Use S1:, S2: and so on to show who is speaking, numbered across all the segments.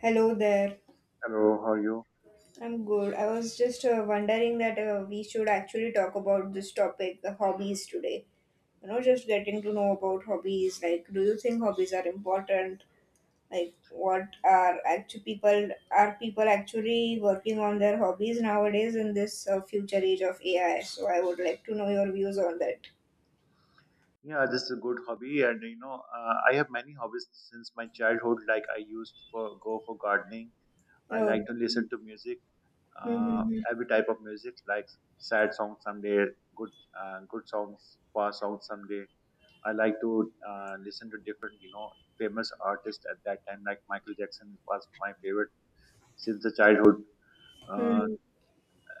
S1: Hello there.
S2: Hello, how are you?
S1: I'm good. I was just wondering that we should actually talk about this topic, the hobbies today. You know, just getting to know about hobbies. Like, do you think hobbies are important? Like, what are people actually working on their hobbies nowadays in this future age of AI? So, I would like to know your views on that.
S2: Yeah, this is a good hobby, and you know, I have many hobbies since my childhood. Like I used for go for gardening. I like
S1: Oh,
S2: to listen to music, uh,
S1: mm-hmm.
S2: every type of music, like sad songs someday, good, good songs, fast songs someday. I like to listen to different, you know, famous artists at that time. Like Michael Jackson was my favorite since the childhood.
S1: Hmm, hmm,
S2: Uh,
S1: hmm,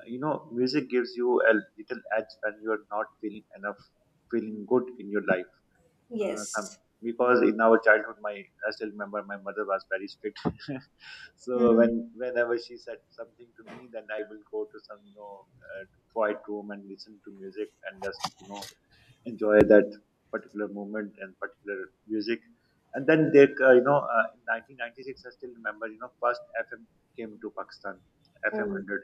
S2: you know, music gives you a little edge when you are not feeling feeling good in your life. Some
S1: yes.
S2: Because in our childhood my I still remember my mother was very strict when
S1: Hmm.
S2: whenever she said something to me, then I will go to some, you know, uh, quiet room and listen to music and just, you know, enjoy that particular moment and particular music. And then they you know, in 1996, I still remember, you know, first FM came to Pakistan, FM
S1: Oh,
S2: 100.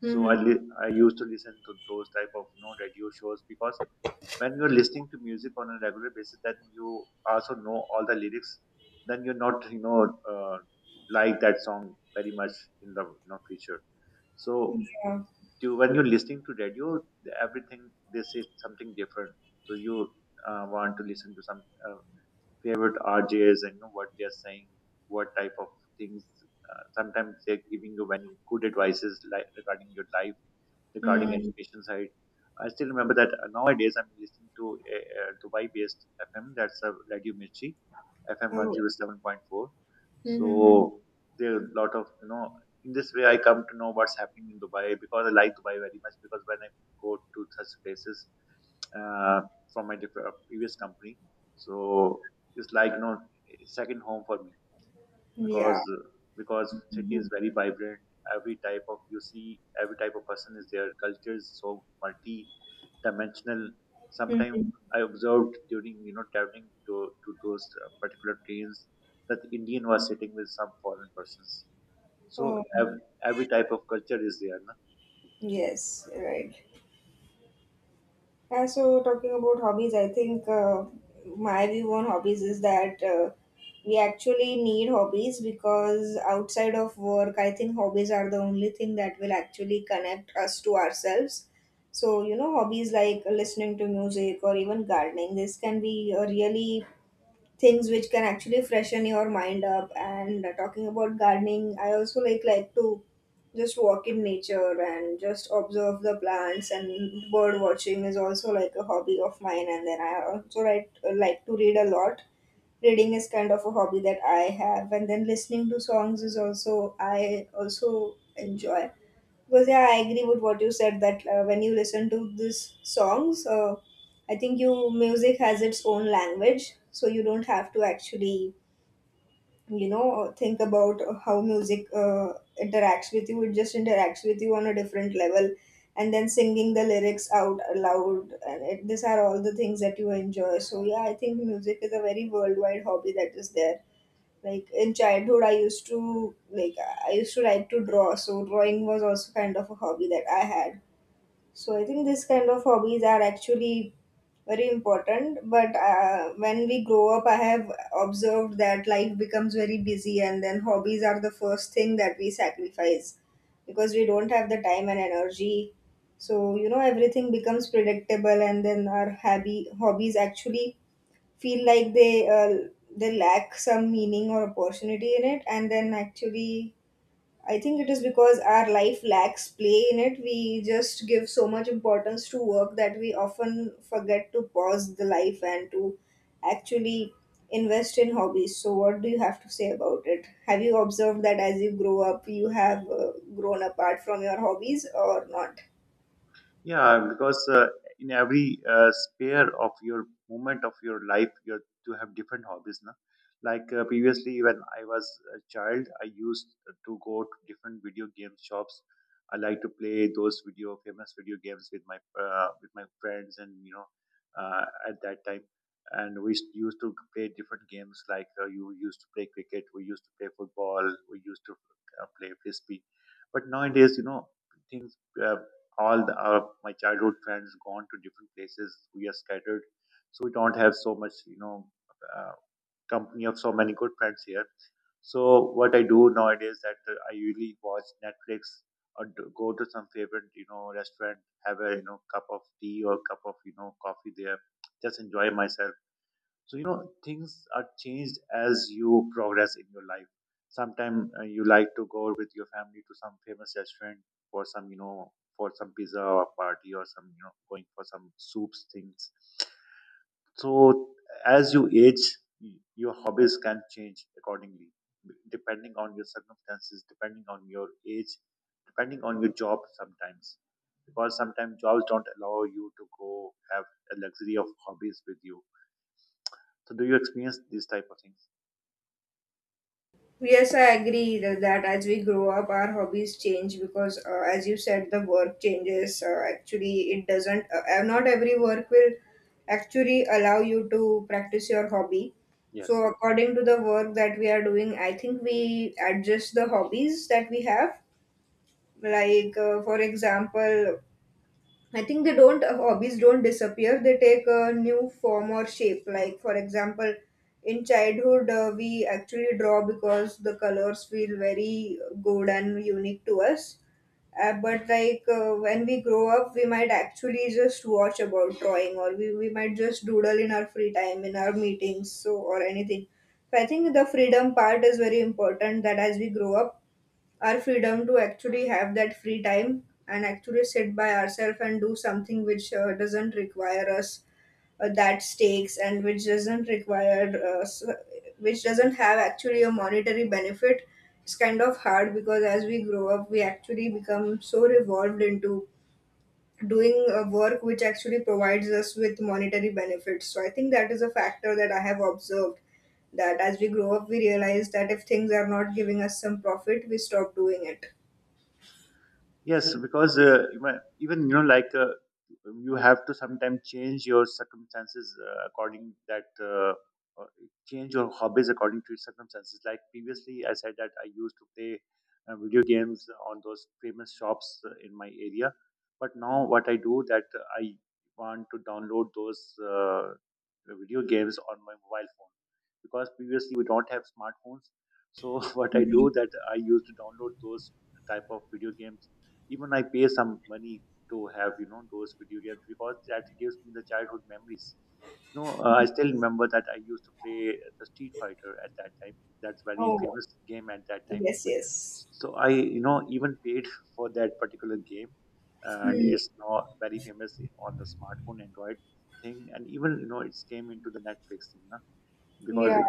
S2: So
S1: mm-hmm.
S2: I used to listen to those type of, you know, radio shows because when you're listening to music on a regular basis, then you also know all the lyrics. Then you're not, you know, uh, like that song very much in the, you know, future. So
S1: Yeah.
S2: when you're listening to radio, everything they say something different. So you want to listen to some favorite RJs and you know what they're saying, what type of things. Sometimes they're giving you very good advices, like regarding your life, regarding
S1: Hmm.
S2: education side. I still remember that nowadays I'm listening to a Dubai-based FM. That's a Radio Mirchi, FM
S1: Oh,
S2: 107.4.
S1: mm-hmm.
S2: So there are a lot of, you know. In this way, I come to know what's happening in Dubai, because I like Dubai very much. Because when I go to such places, uh, from my previous company, so it's like, you know, second home for me.
S1: Yeah.
S2: Because city is
S1: Mhm.
S2: very vibrant. Every type of, you see, every type of person is there. Culture is so multi dimensional sometimes
S1: Mhm.
S2: I observed during, you know, to those particular trains, that Indian was sitting with some foreign persons. So
S1: Oh,
S2: every type of culture is there.
S1: yes, right. And so, talking about hobbies, I think my view on hobbies is that we actually need hobbies because outside of work, I think hobbies are the only thing that will actually connect us to ourselves. So, you know, hobbies like listening to music or even gardening, this can be a really things which can actually freshen your mind up. And talking about gardening, I also like to just walk in nature and just observe the plants, and bird watching is also like a hobby of mine. And then I also like to read a lot. Reading is kind of a hobby that I have. And then listening to songs is also, I also enjoy because yeah, I agree with what you said that when you listen to these songs, I think you music has its own language, so you don't have to actually think about how music interacts with you. It just interacts with you on a different level, and then singing the lyrics out aloud, and it, these are all the things that you enjoy. So yeah, I think music is a very worldwide hobby that is there. Like in childhood, I used to like to draw. So drawing was also kind of a hobby that I had. So I think this kind of hobbies are actually very important, but when we grow up, I have observed that life becomes very busy, and then hobbies are the first thing that we sacrifice because we don't have the time and energy. So, you know, everything becomes predictable, and then our hobby hobbies actually feel like they lack some meaning or opportunity in it. And then actually, I think it is because our life lacks play in it. We just give so much importance to work that we often forget to pause the life and to actually invest in hobbies. So what do you have to say about it? Have you observed that as you grow up, you have grown apart from your hobbies or not?
S2: Yeah, because in every sphere of your moment of your life, you have to have different hobbies. Na? Like previously, when I was a child, I used to go to different video game shops. I like to play those video famous video games with my friends, and you know, at that time, and we used to play different games. Like you used to play cricket, we used to play football, we used to play frisbee. But nowadays, you know, things. All the, my childhood friends gone to different places. We are scattered, so we don't have so much, you know, uh, company of so many good friends here. So what I do nowadays that I usually watch Netflix or go to some favorite, you know, restaurant, have a, you know, cup of tea or cup of, you know, coffee there, just enjoy myself. So you know, things are changed as you progress in your life. Sometimes you like to go with your family to some famous restaurant for some, you know, for some pizza or party or some, you know, going for some soups things. So as you age, your hobbies can change accordingly, depending on your circumstances, depending on your age, depending on your job sometimes, because sometimes jobs don't allow you to go have a luxury of hobbies with you. So do you experience these type of things?
S1: Yes, I agree that as we grow up, our hobbies change because, as you said, the work changes. Actually, it doesn't, not every work will actually allow you to practice your hobby. So,
S2: Yes.
S1: according to the work that we are doing, I think we adjust the hobbies that we have. Like, for example, I think they don't hobbies don't disappear. They take a new form or shape. Like for example, in childhood, we actually draw because the colors feel very good and unique to us. But like when we grow up, we might actually just watch about drawing, or we might just doodle in our free time, in our meetings, so or anything. So I think the freedom part is very important. That as we grow up, our freedom to actually have that free time and actually sit by ourselves and do something which doesn't require us that stakes, and which doesn't have actually a monetary benefit. It's kind of hard because as we grow up, we actually become so revolved into doing a work which actually provides us with monetary benefits. So I think that is a factor that I have observed, that as we grow up we realize that if things are not giving us some profit, we stop doing it.
S2: Yes, because even, you know, like you have to sometimes change your circumstances according that uh, change your hobbies according to your circumstances. Like previously, I said that I used to play video games on those famous shops in my area, but now what I do that I want to download those video games on my mobile phone, because previously we don't have smartphones. So what I do that I used to download those type of video games. Even I pay some money to have, you know, those video games, because that gives me the childhood memories. You know, I still remember that I used to play the Street Fighter at that time. That's very
S1: Oh,
S2: famous game at that time.
S1: yes, yes.
S2: So I, you know, even paid for that particular game, and
S1: Hmm.
S2: it's now very famous on the smartphone Android thing, and even, you know, it's came into the Netflix thing,
S1: Yeah,
S2: because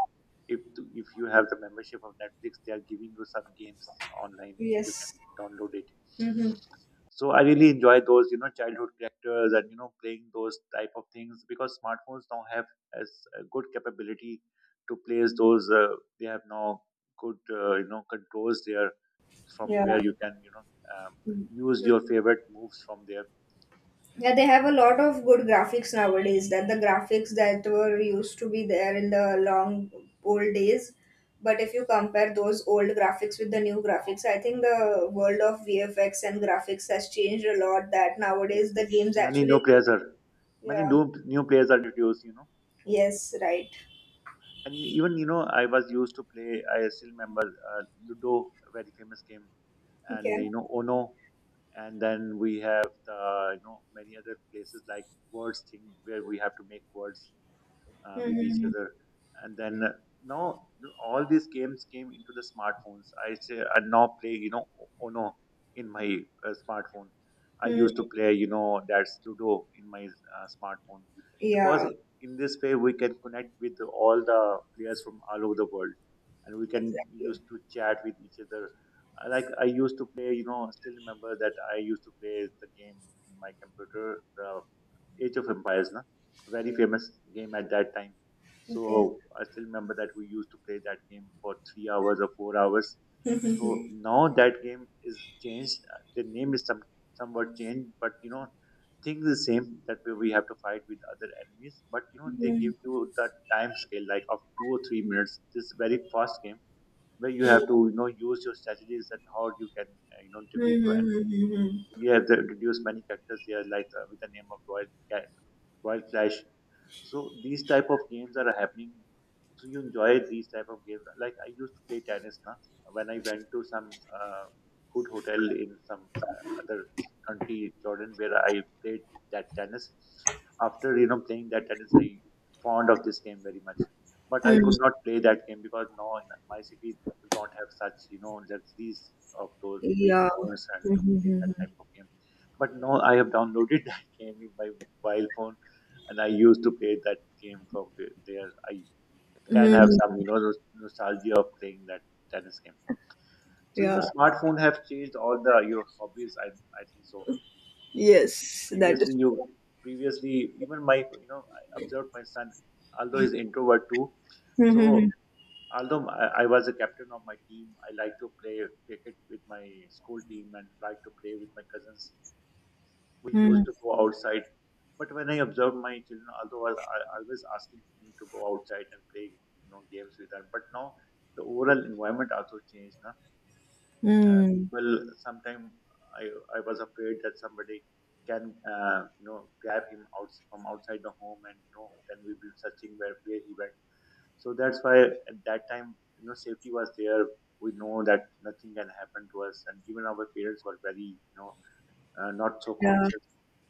S2: if you have the membership of Netflix, they are giving you some games online. You can
S1: yes.
S2: download it.
S1: Mm-hmm.
S2: So I really enjoy those, you know, childhood characters and, you know, playing those type of things, because smartphones now have as a good capability to place those. They have now good, you know, controls there from where
S1: Yeah.
S2: you can, you know, um,
S1: Hmm.
S2: use your favorite moves from there.
S1: Yeah, they have a lot of good graphics nowadays. That the graphics that were used to be there in the long old days, but if you compare those old graphics with the new graphics, I think the world of VFX and graphics has changed a lot. That nowadays
S2: Yes.
S1: the games
S2: Many
S1: actually,
S2: new players are, many
S1: yeah,
S2: new players are introduced, you know.
S1: yes, right.
S2: And even, you know, I was used to play. I still remember Ludo, a very famous game, and
S1: Okay.
S2: you know, Ono, and then we have the, you know, many other places, like words thing, where we have to make words with each
S1: Mm-hmm.
S2: other. And then now all these games came into the smartphones. I say I now play, you know, Ono in my smartphone. I
S1: Hmm.
S2: used to play, you know, that's Ludo in my smartphone, because
S1: Yeah,
S2: in this way we can connect with all the players from all over the world, and we can
S1: exactly.
S2: use to chat with each other. Like I used to play you know still remember that I used to play the game in my computer, the Age of Empires, na? Very famous game at that time. So I still remember that we used to play that game for 3 hours or 4 hours. So
S1: Okay.
S2: now that game is changed. The name is somewhat changed, but you know, things the same, that we have to fight with other enemies. But you know, they give you the time scale like of 2 or 3 minutes. This very fast game, where you
S1: Mhm,
S2: have to, you know, use your strategies, that how you can, you know, defeat your
S1: mhm,
S2: enemy.
S1: mhm,
S2: You have to introduce many characters here, like with the name of Wild Clash. So these type of games are happening. So you enjoy these type of games. Like I used to play tennis now. When I went to some good hotel in some other country, Jordan, where I played that tennis. After, you know, playing that tennis, I fond of this game very much. But I
S1: mhm.
S2: could not play that game, because now in my city we don't have such, you know, luxuries of those big
S1: Yeah.
S2: grounds and to
S1: Mhm,
S2: play
S1: mhm,
S2: that
S1: mhm.
S2: type of game. But now I have downloaded that game in my mobile phone, and I used to play that game from there. I can have
S1: Mhm.
S2: some, you know, nostalgia of playing that tennis game. So you know,
S1: Yeah.
S2: smartphone have changed all the your hobbies. I think so.
S1: Yes, that
S2: Previously,
S1: is true.
S2: you previously, even my, you know, I observed my son, although he's introvert too.
S1: Mhm, mhm,
S2: So although I was a captain of my team, I like to play cricket with my school team and like to play with my cousins. We used
S1: mhm.
S2: to go outside. But when I observed my children, although always asking him to go outside and play, you know, games with them, but now the overall environment also changed. Na? Uh,
S1: Mm.
S2: well, sometimes I I was afraid that somebody can, you know, grab him out from outside the home, and you know, then we will searching where he went. So that's why at that time, you know, safety was there. We know that nothing can happen to us, and even our parents were very, you know, not so
S1: Yeah.
S2: conscious.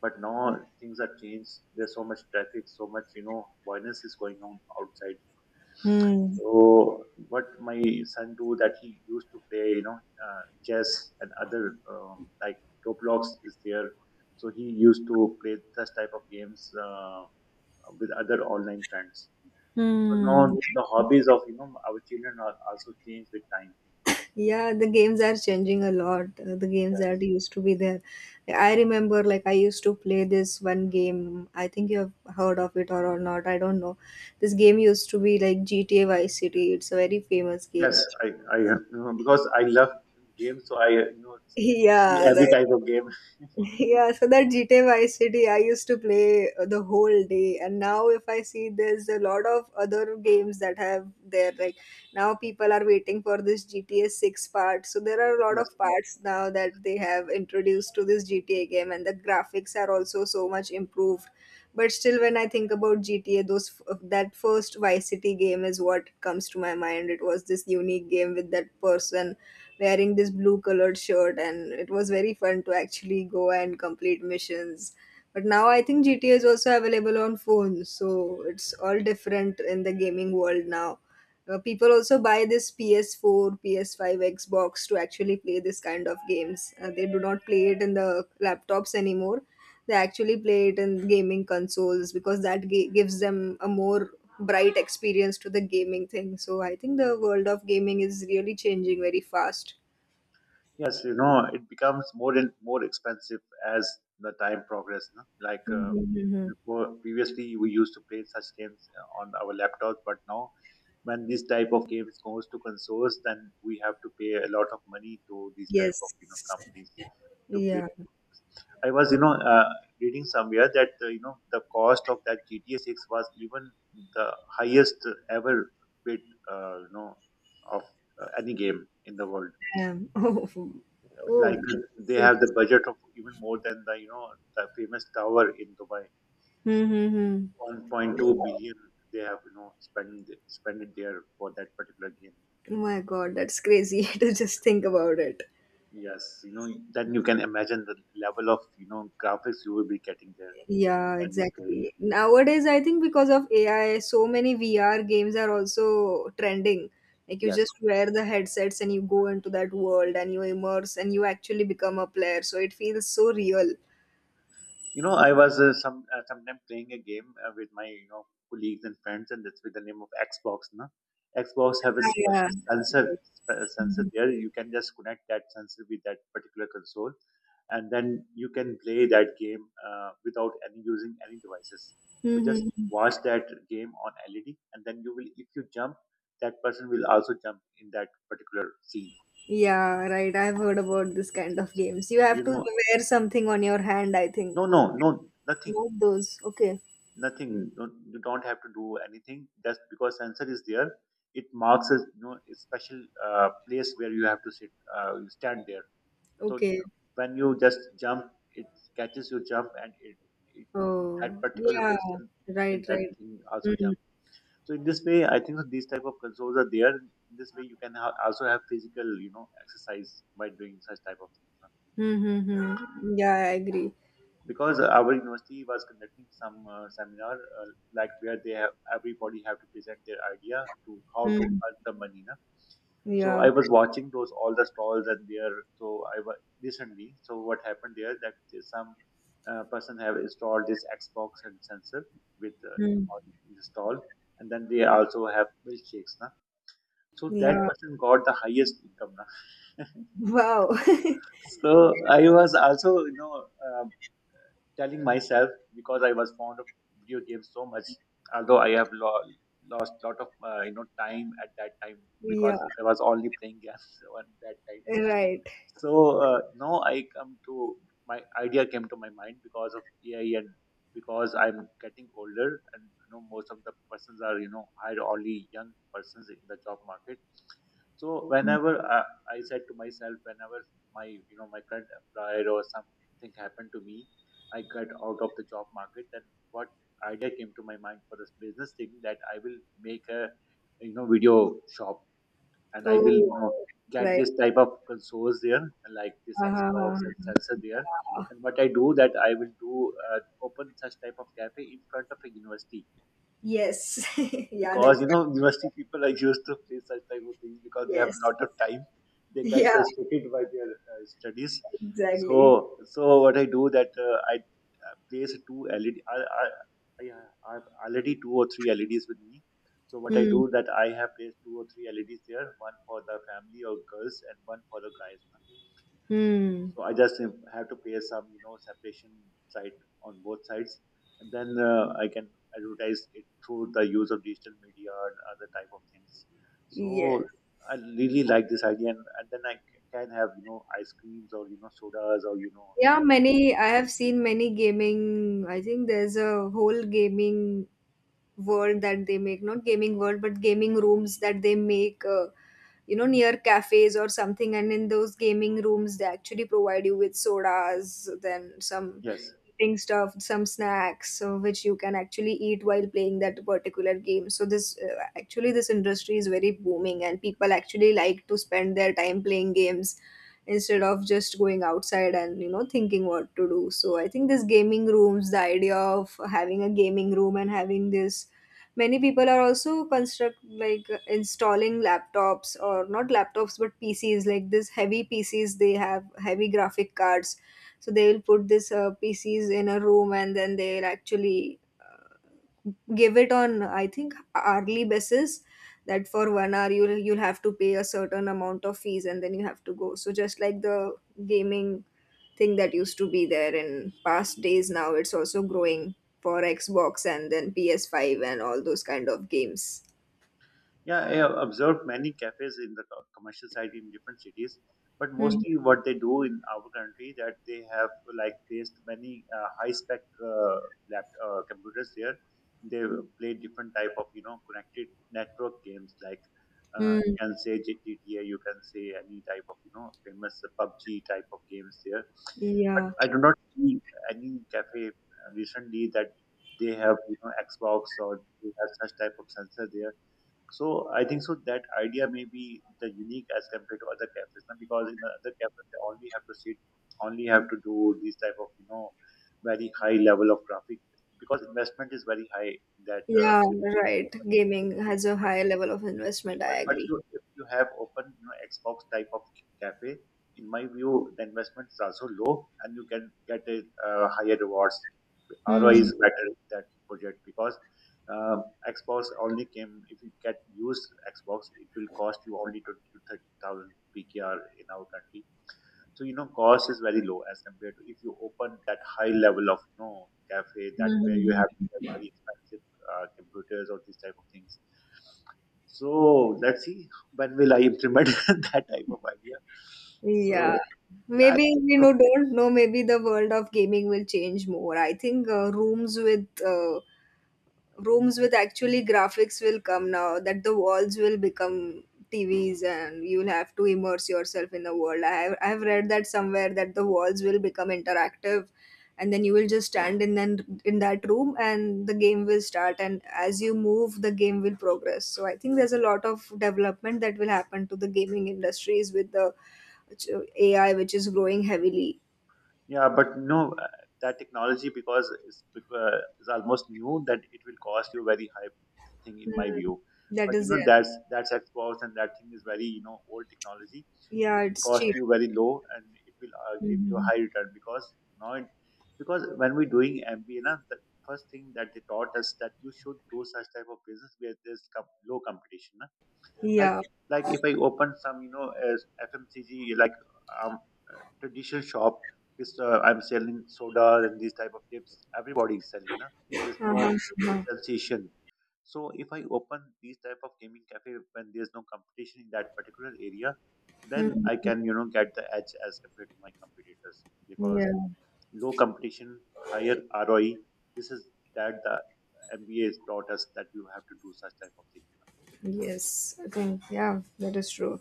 S2: But now things are changed. There's so much traffic, so much, you know, violence is going on outside.
S1: Hmm.
S2: So what my son do, that he used to play, you know, chess and other, like Roblox is there. So he used to play such type of games with other online friends. So
S1: Hmm.
S2: now the hobbies of, you know, our children are also changed with time.
S1: Yeah, the games are changing a lot. The games that
S2: Yes.
S1: used to be there. I remember, like, I used to play this one game. I think you have heard of it or not. I don't know. This game used to be like GTA Vice City. It's a very famous game.
S2: Yes, I, you know, because I love games, so I, you know, see
S1: Yeah, right.
S2: every type of game.
S1: Yeah, so that GTA Vice City I used to play the whole day, and now if I see there's a lot of other games that have there, like now people are waiting for this GTA 6 part. So there are a lot
S2: Yes.
S1: of parts now that they have introduced to this GTA game, and the graphics are also so much improved. But still, when I think about GTA, those that first Vice City game is what comes to my mind. It was this unique game with that person wearing this blue colored shirt, and it was very fun to actually go and complete missions. But now I think GTA is also available on phones, so it's all different in the gaming world now. People also buy this PS4, PS5, Xbox to actually play this kind of games. They do not play it in the laptops anymore. They actually play it in gaming consoles because that gives them a more bright experience to the gaming thing. So I think the world of gaming is really changing very fast.
S2: Yes, you know, it becomes more and more expensive as the time progresses. No? Like
S1: Mhm, mhm.
S2: before, previously we used to play such games on our laptops, but now when this type of games goes to consoles, then we have to pay a lot of money to these type of
S1: Yes.
S2: companies to play.
S1: Yeah.
S2: I was reading somewhere that you know the cost of that GTA Six was even the highest ever bid, uh, you know of any game in the world,
S1: Damn. Oh. Oh.
S2: like they
S1: That's
S2: have the
S1: interesting.
S2: budget of even more than the the famous tower in Dubai.
S1: Mm-hmm.
S2: 1.2 billion they have spent it there for that particular game.
S1: Oh my God, that's crazy to just think about it.
S2: Yes, you know, then you can imagine the level of graphics you will be getting there
S1: Yeah,
S2: when you're playing
S1: exactly.
S2: it.
S1: Nowadays, I think because of AI, so many VR games are also trending. Like you
S2: Yes.
S1: just wear the headsets and you go into that world and you immerse and you actually become a player. So it feels so real.
S2: You know, I was sometime playing a game with my colleagues and friends, and that's with the name of Xbox. Na, Xbox have a
S1: Yeah.
S2: special sensor there. You can just connect that sensor with that particular console, and then you can play that game without any using any devices. You just
S1: Mm-hmm.
S2: watch that game on LED, and then you will, if you jump, that person will also jump in that particular scene.
S1: Yeah, right. I've heard about this kind of games. You have
S2: You
S1: to
S2: know,
S1: wear something on your hand, I think.
S2: no, no, no, nothing.
S1: Not those. Okay.
S2: Nothing, don't, you don't have to do anything just because sensor is there. It marks a, you know, a special place where you have to sit, you stand there. So
S1: Okay.
S2: when you just jump, it catches your jump, and it, that
S1: Oh,
S2: particular
S1: yeah.
S2: person in
S1: Right,
S2: that
S1: right.
S2: thing, also
S1: Mm-hmm.
S2: jump. So in this way, I think that these type of consoles are there. In this way you can also have physical, you know, exercise by doing such type of things,
S1: Mm-hmm. Yeah, I agree.
S2: because our university was conducting some seminar like where they have everybody have to present their idea to how to
S1: Mm.
S2: earn the money, na? So
S1: Yeah.
S2: I was watching those all the stalls, and there, so I was recently, so what happened there, that there's some person have installed this Xbox and sensor
S1: Mm.
S2: in the stall, and then they also have milkshakes, na? So that
S1: Yeah.
S2: person got the highest income, na?
S1: Wow.
S2: So I was also uh, telling myself, because I was fond of video games so much, although I have lost a lot of time at that time,
S1: Yeah.
S2: because I was only playing games on that time.
S1: Right.
S2: So now I come to, my idea came to my mind because of AI, and because I'm getting older, and you know, most of the persons are, you know, hired only young persons in the job market. So I said to myself, whenever my, you know, my current employer or something happened to me, I got out of the job market. Then what idea came to my mind for this business thing, that I will make a, you know, video shop, and I will, you know,
S1: Oh.
S2: get
S1: Right.
S2: this type of consoles there, like this Xbox
S1: Uh-huh.
S2: and sensor there. And what I do, that I will do, open such type of cafe in front of a university,
S1: Yes. Yeah.
S2: because
S1: That's,
S2: you know, university people are used to play such type of things, because they have a
S1: yes.
S2: lot of time, they get
S1: Yeah.
S2: frustrated by their studies.
S1: Exactly.
S2: So what I do, that I place two LED, I have already two or three LEDs with me. So what I
S1: Hmm.
S2: do, that I have placed two or three LEDs there, one for the family or girls, and one for the guys.
S1: Hmm.
S2: So I just have to pay some, you know, separation site on both sides, and then I can advertise it through the use of digital media and other type of things.
S1: Yes.
S2: So I really like this idea, and then I can have, you know, ice creams, or, you know, sodas, or, you know,
S1: Yeah.
S2: you have,
S1: Many. I have seen many gaming. I think there's a whole gaming world that they make, not gaming world but gaming rooms that they make, you know, near cafes or something. And in those gaming rooms, they actually provide you with sodas, then some
S2: yes.
S1: eating stuff, some snacks, so which you can actually eat while playing that particular game. So this actually, this industry is very booming, and people actually like to spend their time playing games instead of just going outside and, you know, thinking what to do. So I think this gaming rooms, the idea of having a gaming room and having this, many people are also construct, like, installing laptops or not laptops but pcs like this heavy pcs, they have heavy graphic cards. So they will put this pcs in a room, and then they'll actually give it on, I think, hourly basis. That for 1 hour, you'll have to pay a certain amount of fees, and then you have to go. So just like the gaming thing that used to be there in past days, now it's also growing for Xbox and then PS5 and all those kind of games.
S2: Yeah, I have observed many cafes in the commercial side in different cities, but
S1: Hmm.
S2: mostly what they do in our country, that they have like placed many high spec lap computers there. They play different type of, you know, connected network games, like you
S1: Hmm.
S2: can say GTA, you can say any type of, you know, famous PUBG type of games there. But
S1: Yeah,
S2: I do not see any cafe recently that they have, you know, Xbox, or they have such type of sensor there. So I think so that idea may be the unique as compared to other cafes, now because in the other cafes they only have to sit, only have to do this type of, you know, very high level of traffic, because investment is very high in that.
S1: yeah, right, gaming has a higher level of investment, I
S2: But
S1: agree.
S2: you, if you have open, you know, Xbox type of cafe, in my view, the investment is also low, and you can get a higher rewards. ROI
S1: Hmm.
S2: is better in that project, because um, Xbox only came, if you get used Xbox, it will cost you only 20 to 30 thousand PKR in our country. So you know, cost is very low as compared to if you open that high level of, you know, cafe, that where you have to get very expensive computers or these type of things. So let's see when will I implement that type of idea.
S1: Yeah,
S2: So yeah,
S1: maybe, you know, don't know. Maybe the world of gaming will change more. I think rooms with actually graphics will come, now that the walls will become TVs, and you'll have to immerse yourself in the world. I have read that somewhere that the walls will become interactive, and then you will just stand in then in that room and the game will start, and as you move the game will progress. So I think there's a lot of development that will happen to the gaming industries, with the which, AI which is growing heavily.
S2: yeah, but no, that technology, because it's is almost new, that it will cost you very high thing in my
S1: Hmm.
S2: view.
S1: That
S2: But
S1: is
S2: you know,
S1: there.
S2: that's Xbox, and that thing is very, you know, old technology.
S1: Yeah,
S2: It will
S1: it's
S2: cost
S1: cheap.
S2: you very low, and it will give you a
S1: Mhm.
S2: high return. Because now it, because when we're doing MBA, na, the first thing that they taught us, that you should do such type of business where there's low competition, like
S1: Yeah.
S2: like if I open some, you know, as FMCG, like um traditional shop, which I'm selling sodas and these type of chips. Everybody is selling, na.
S1: Uh-huh.
S2: There's no
S1: Uh-huh.
S2: differentiation. So if I open these type of gaming cafe, when there's no competition in that particular area, then I
S1: Mhm.
S2: can, you know, get the edge as compared to my competitors, because
S1: Yeah,
S2: low competition, higher ROI. This is that, the MBA is taught us that you have to do such type of thing.
S1: yes, I think, yeah, that is true.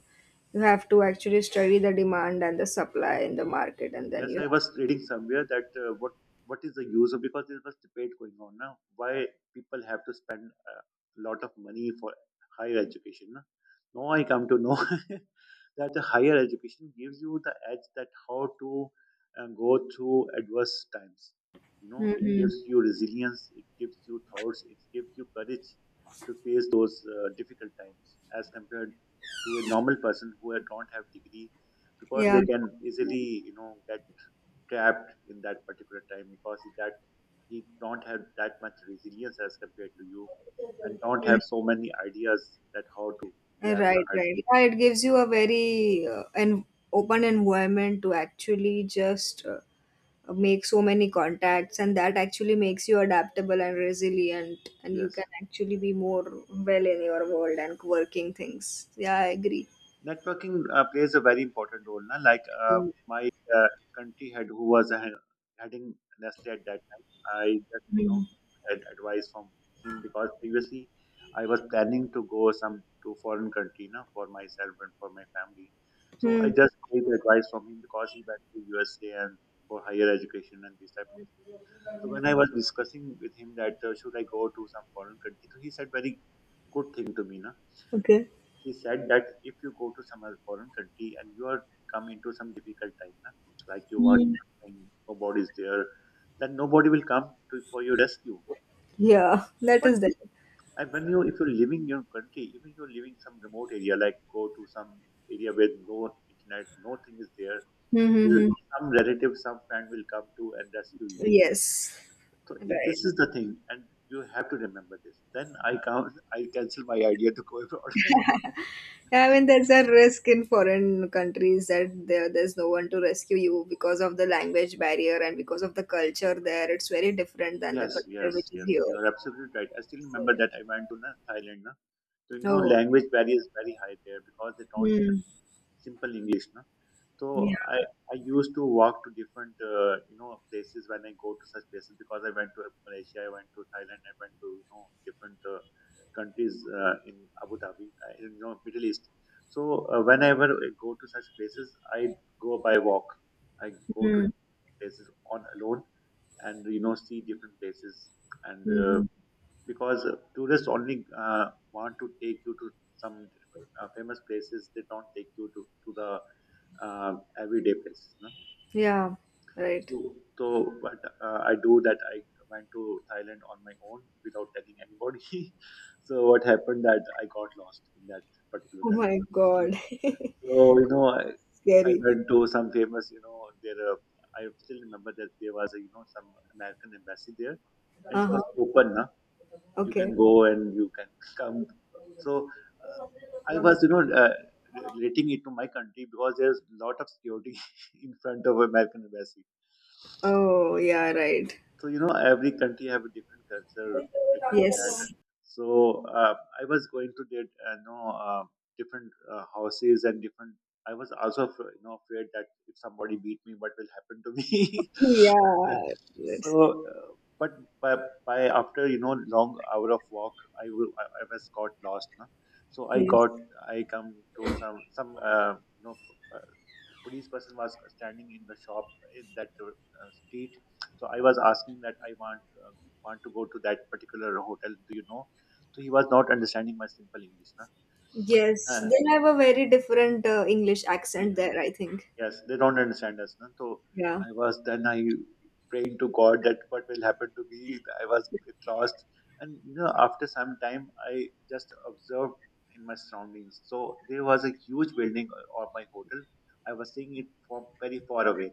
S1: You have to actually study the demand and the supply in the market, and then
S2: Yes,
S1: you.
S2: I was reading somewhere that what is the use of, because there was debate going on now, why people have to spend a lot of money for higher education, na? Now I come to know that the higher education gives you the edge that how to go through adverse times. You know, it
S1: Hmm.
S2: gives you resilience, it gives you thoughts, it gives you courage to face those difficult times as compared to a normal person who don't have degree, because
S1: Yeah.
S2: they can easily, you know, get trapped in that particular time, because he don't have that much resilience as compared to you, and don't have
S1: Mm.
S2: so many ideas that how to grab
S1: Right,
S2: the idea.
S1: right. Yeah, it gives you a very an open environment to actually just make so many contacts, and that actually makes you adaptable and resilient, and you
S2: Yes.
S1: can actually be more well in your world and working things. Yeah, I agree.
S2: Networking plays a very important role. Na? Like my uh, country head, who was heading Nestle at that time, I just, you know, had advice from him, because previously I was planning to go some to foreign country, na, for myself and for my family. So
S1: Mm-hmm.
S2: I just take the advice from him, because he went to USA and for higher education and this type of thing. So when I was discussing with him that should I go to some foreign country, so he said very good thing to me. Na?
S1: Okay.
S2: He said that if you go to some other foreign country, and you are come into some difficult time, na, like you want something, nobody is there, then nobody will come to for your rescue.
S1: Yeah, that
S2: But
S1: is the.
S2: and when you, if you're living your country, even you're living some remote area, like go to some area where no internet, nothing is there,
S1: Mm-hmm.
S2: still some relative, some friend will come to and rescue you.
S1: Yes,
S2: So it,
S1: right.
S2: this is the thing, and you have to remember this. Then I cancel my idea to go abroad.
S1: I mean, there's a risk in foreign countries that there's no one to rescue you because of the language barrier and because of the culture there. It's very different than the
S2: Yes,
S1: culture
S2: yes,
S1: which is
S2: yes.
S1: here.
S2: You are absolutely right. I still
S1: So
S2: remember
S1: yeah.
S2: that I went to, na, Thailand. Na. So, you know,
S1: Oh.
S2: language barrier is very high there, because they don't
S1: Hmm.
S2: simple English. Na.
S1: Yeah.
S2: So, I used to walk to different, you know, places when I go to such places, because I went to Malaysia, I went to Thailand, I went to, you know, different countries in Abu Dhabi, in, you know, Middle East. So, whenever I go to such places, I go by walk. I go to
S1: Mm.
S2: places on alone and you know see different places and
S1: Hmm. Mm-hmm.
S2: because tourists only want to take you to some different famous places. They don't take you to the uh, everyday places, no?
S1: Yeah. Right.
S2: so so but I do that. I went to Thailand on my own without telling anybody. So what happened that I got lost in that particular
S1: Oh
S2: country.
S1: my God.
S2: So, you know, I
S1: Scary.
S2: went to some famous, you know, there, I still remember that there was, a, you know, some American embassy there and it
S1: Uh-huh.
S2: was open, na? You can
S1: Okay.
S2: go and you can come. So, uh, I was, you know, relating it to my country because there's a lot of security in front of American embassy.
S1: Oh yeah. Right.
S2: So you know, every country have a different culture regarding that.
S1: Yes.
S2: So uh, I was going to get you know different houses and different. I was also you know afraid that if somebody beat me, what will happen to me?
S1: Yeah. Right.
S2: so, uh, but by, by after you know long hour of walk, I was got lost. No? So I
S1: Yes.
S2: got, I come to some you know uh, police person was standing in the shop in that street. So I was asking that I want to go to that particular hotel. Do you know? So he was not understanding my simple English. Na?
S1: Yes,
S2: Uh,
S1: they have a very different English
S2: yeah.
S1: accent there, I think.
S2: Yes, they don't understand us. Na? So
S1: Yeah.
S2: I was then I praying to God that what will happen to me. I was a bit lost, and you know after some time I just observed in my surroundings. So there was a huge building of my hotel. I was seeing it from very far away.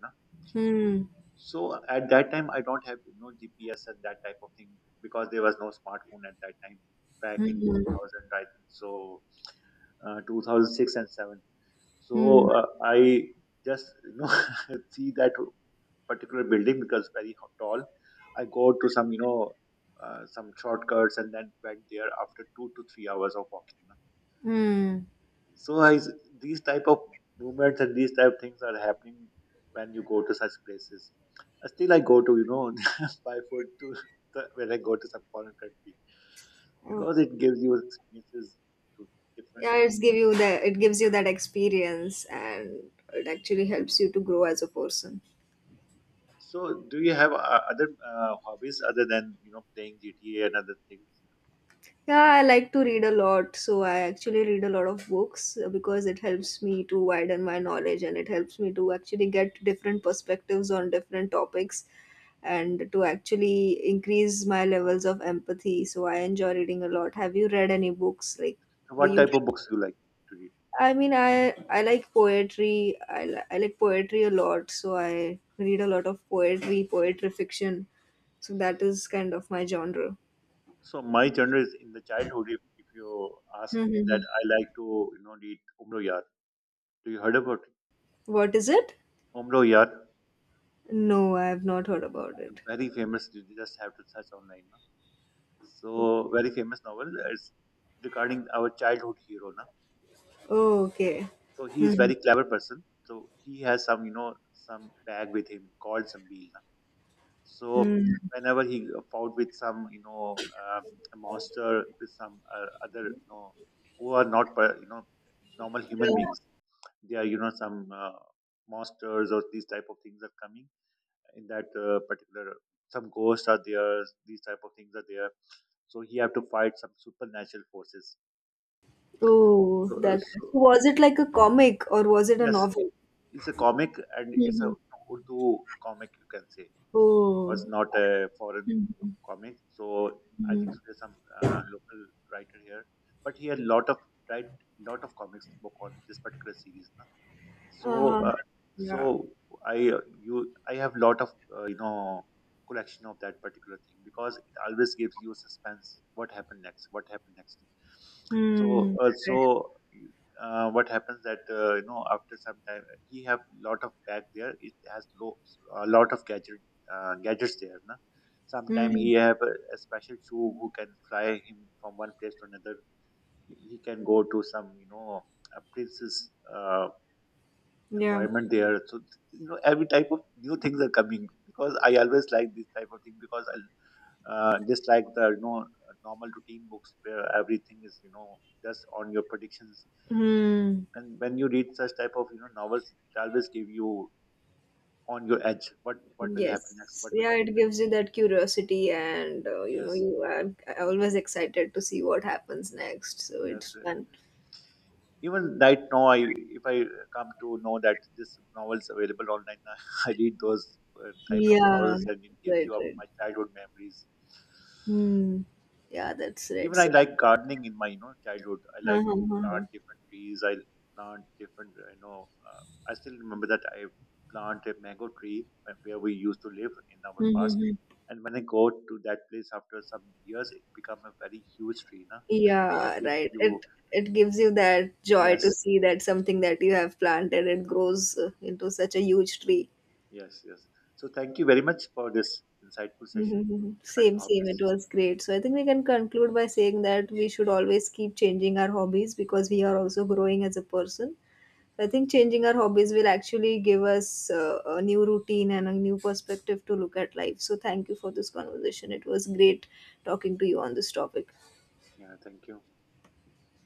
S1: Hmm.
S2: So at that time, I don't have you know GPS and that type of thing because there was no smartphone at that time back in
S1: Hmm.
S2: 2000, I think. So 2006 and 7.
S1: Hmm.
S2: I just you know see that particular building because very tall. I go to some you know some shortcuts and then went there after 2 to 3 hours of walking.
S1: Hmm.
S2: So I, these type of movements and these type of things are happening when you go to such places. Still, I go to you know by foot to the, when I go to some foreign country
S1: Oh.
S2: because it gives you experiences to
S1: Yeah,
S2: different.
S1: it gives you that experience and it actually helps you to grow as a person.
S2: So, do you have other hobbies other than you know playing GTA and other things?
S1: Yeah, I like to read a lot. So I actually read a lot of books because it helps me to widen my knowledge, and it helps me to actually get different perspectives on different topics and to actually increase my levels of empathy. So I enjoy reading a lot. Have you read any books? Like,
S2: So
S1: do
S2: what
S1: you?
S2: type of books you like to read?
S1: I mean, I like poetry. I like poetry a lot. So I read a lot of poetry, poetry fiction. So that is kind of my genre.
S2: So my genre is in the childhood. If you ask me
S1: Hmm.
S2: that, I like to you know read Umro Yar. Do you heard about it?
S1: What is it?
S2: Umro Yar?
S1: No, I have not heard about it.
S2: Very famous. You just have to search online. No? So very famous novel. Is regarding our childhood hero. No?
S1: Oh, okay.
S2: So he is
S1: Mhm.
S2: very clever person. So he has some you know some bag with him called Zambil. No? So
S1: Mm.
S2: whenever he fought with some you know a monster, with some other you know who are not per- you know normal human beings. They are you know some monsters or these type of things are coming in that particular some ghosts are there, these type of things are there, so he have to fight some supernatural forces. so,
S1: Oh,
S2: uh,
S1: that,
S2: so
S1: was it like a comic or was it a
S2: yes
S1: novel?
S2: it- it's a comic and it's a
S1: Hmm.
S2: Urdu comic, you can say. Or
S1: Oh.
S2: it's not a foreign comic. So I think
S1: Mhm.
S2: so there's some local writer here, but he had lot of write, lot of comics book on this particular series. So,
S1: Uh-huh.
S2: uh, so
S1: Yeah.
S2: I you I have lot of you know collection of that particular thing because it always gives you suspense. What happened next? What happened next? So,
S1: Hmm.
S2: uh, so what happens that you know after some time he have lot of bag there. It has low a lot of gadgets there. Na? Sometime
S1: Hmm.
S2: he have a special shoe who can fly him from one place to another. He can go to some you know a prince's.
S1: Yeah.
S2: Environment there. So you know, every type of new things are coming because I always like this type of thing because I just like the you know normal routine books where everything is you know just on your predictions.
S1: Hmm.
S2: And when you read such type of you know novels, it always give you on your edge. What will happen next?
S1: Yes.
S2: What will
S1: Yeah,
S2: happen
S1: it gives
S2: next?
S1: you that curiosity, and
S2: Yes,
S1: you are always excited to see what happens next. So it's
S2: yes.
S1: fun.
S2: Even right now, I if I come to know that this novel is available online, I read those type of
S1: Yeah.
S2: novels and it gives
S1: Right.
S2: you up
S1: Right.
S2: my childhood memories.
S1: Hmm. Yeah, that's right.
S2: Even I
S1: So
S2: like gardening in my you know childhood. I
S1: Huh,
S2: like
S1: huh,
S2: to
S1: huh, huh.
S2: plant different trees. I plant different you know. I still remember that I planted a mango tree where we used to live in
S1: Hmm,
S2: our past.
S1: hmm, hmm.
S2: And when I go to that place after some years, it become a very huge tree, na? And
S1: Yeah,
S2: if
S1: right.
S2: you
S1: It gives you that joy to
S2: yes,
S1: see that something that you have planted it grows into such a huge tree.
S2: yes, yes. So thank you very much for this insightful session
S1: Mm-hmm.
S2: regarding
S1: Same, same. It
S2: hobbies.
S1: was great. So I think we can conclude by saying that we should always keep changing our hobbies because we are also growing as a person. So, I think changing our hobbies will actually give us a new routine and a new perspective to look at life. So thank you for this conversation. It was great talking to you on this topic.
S2: Yeah, thank you.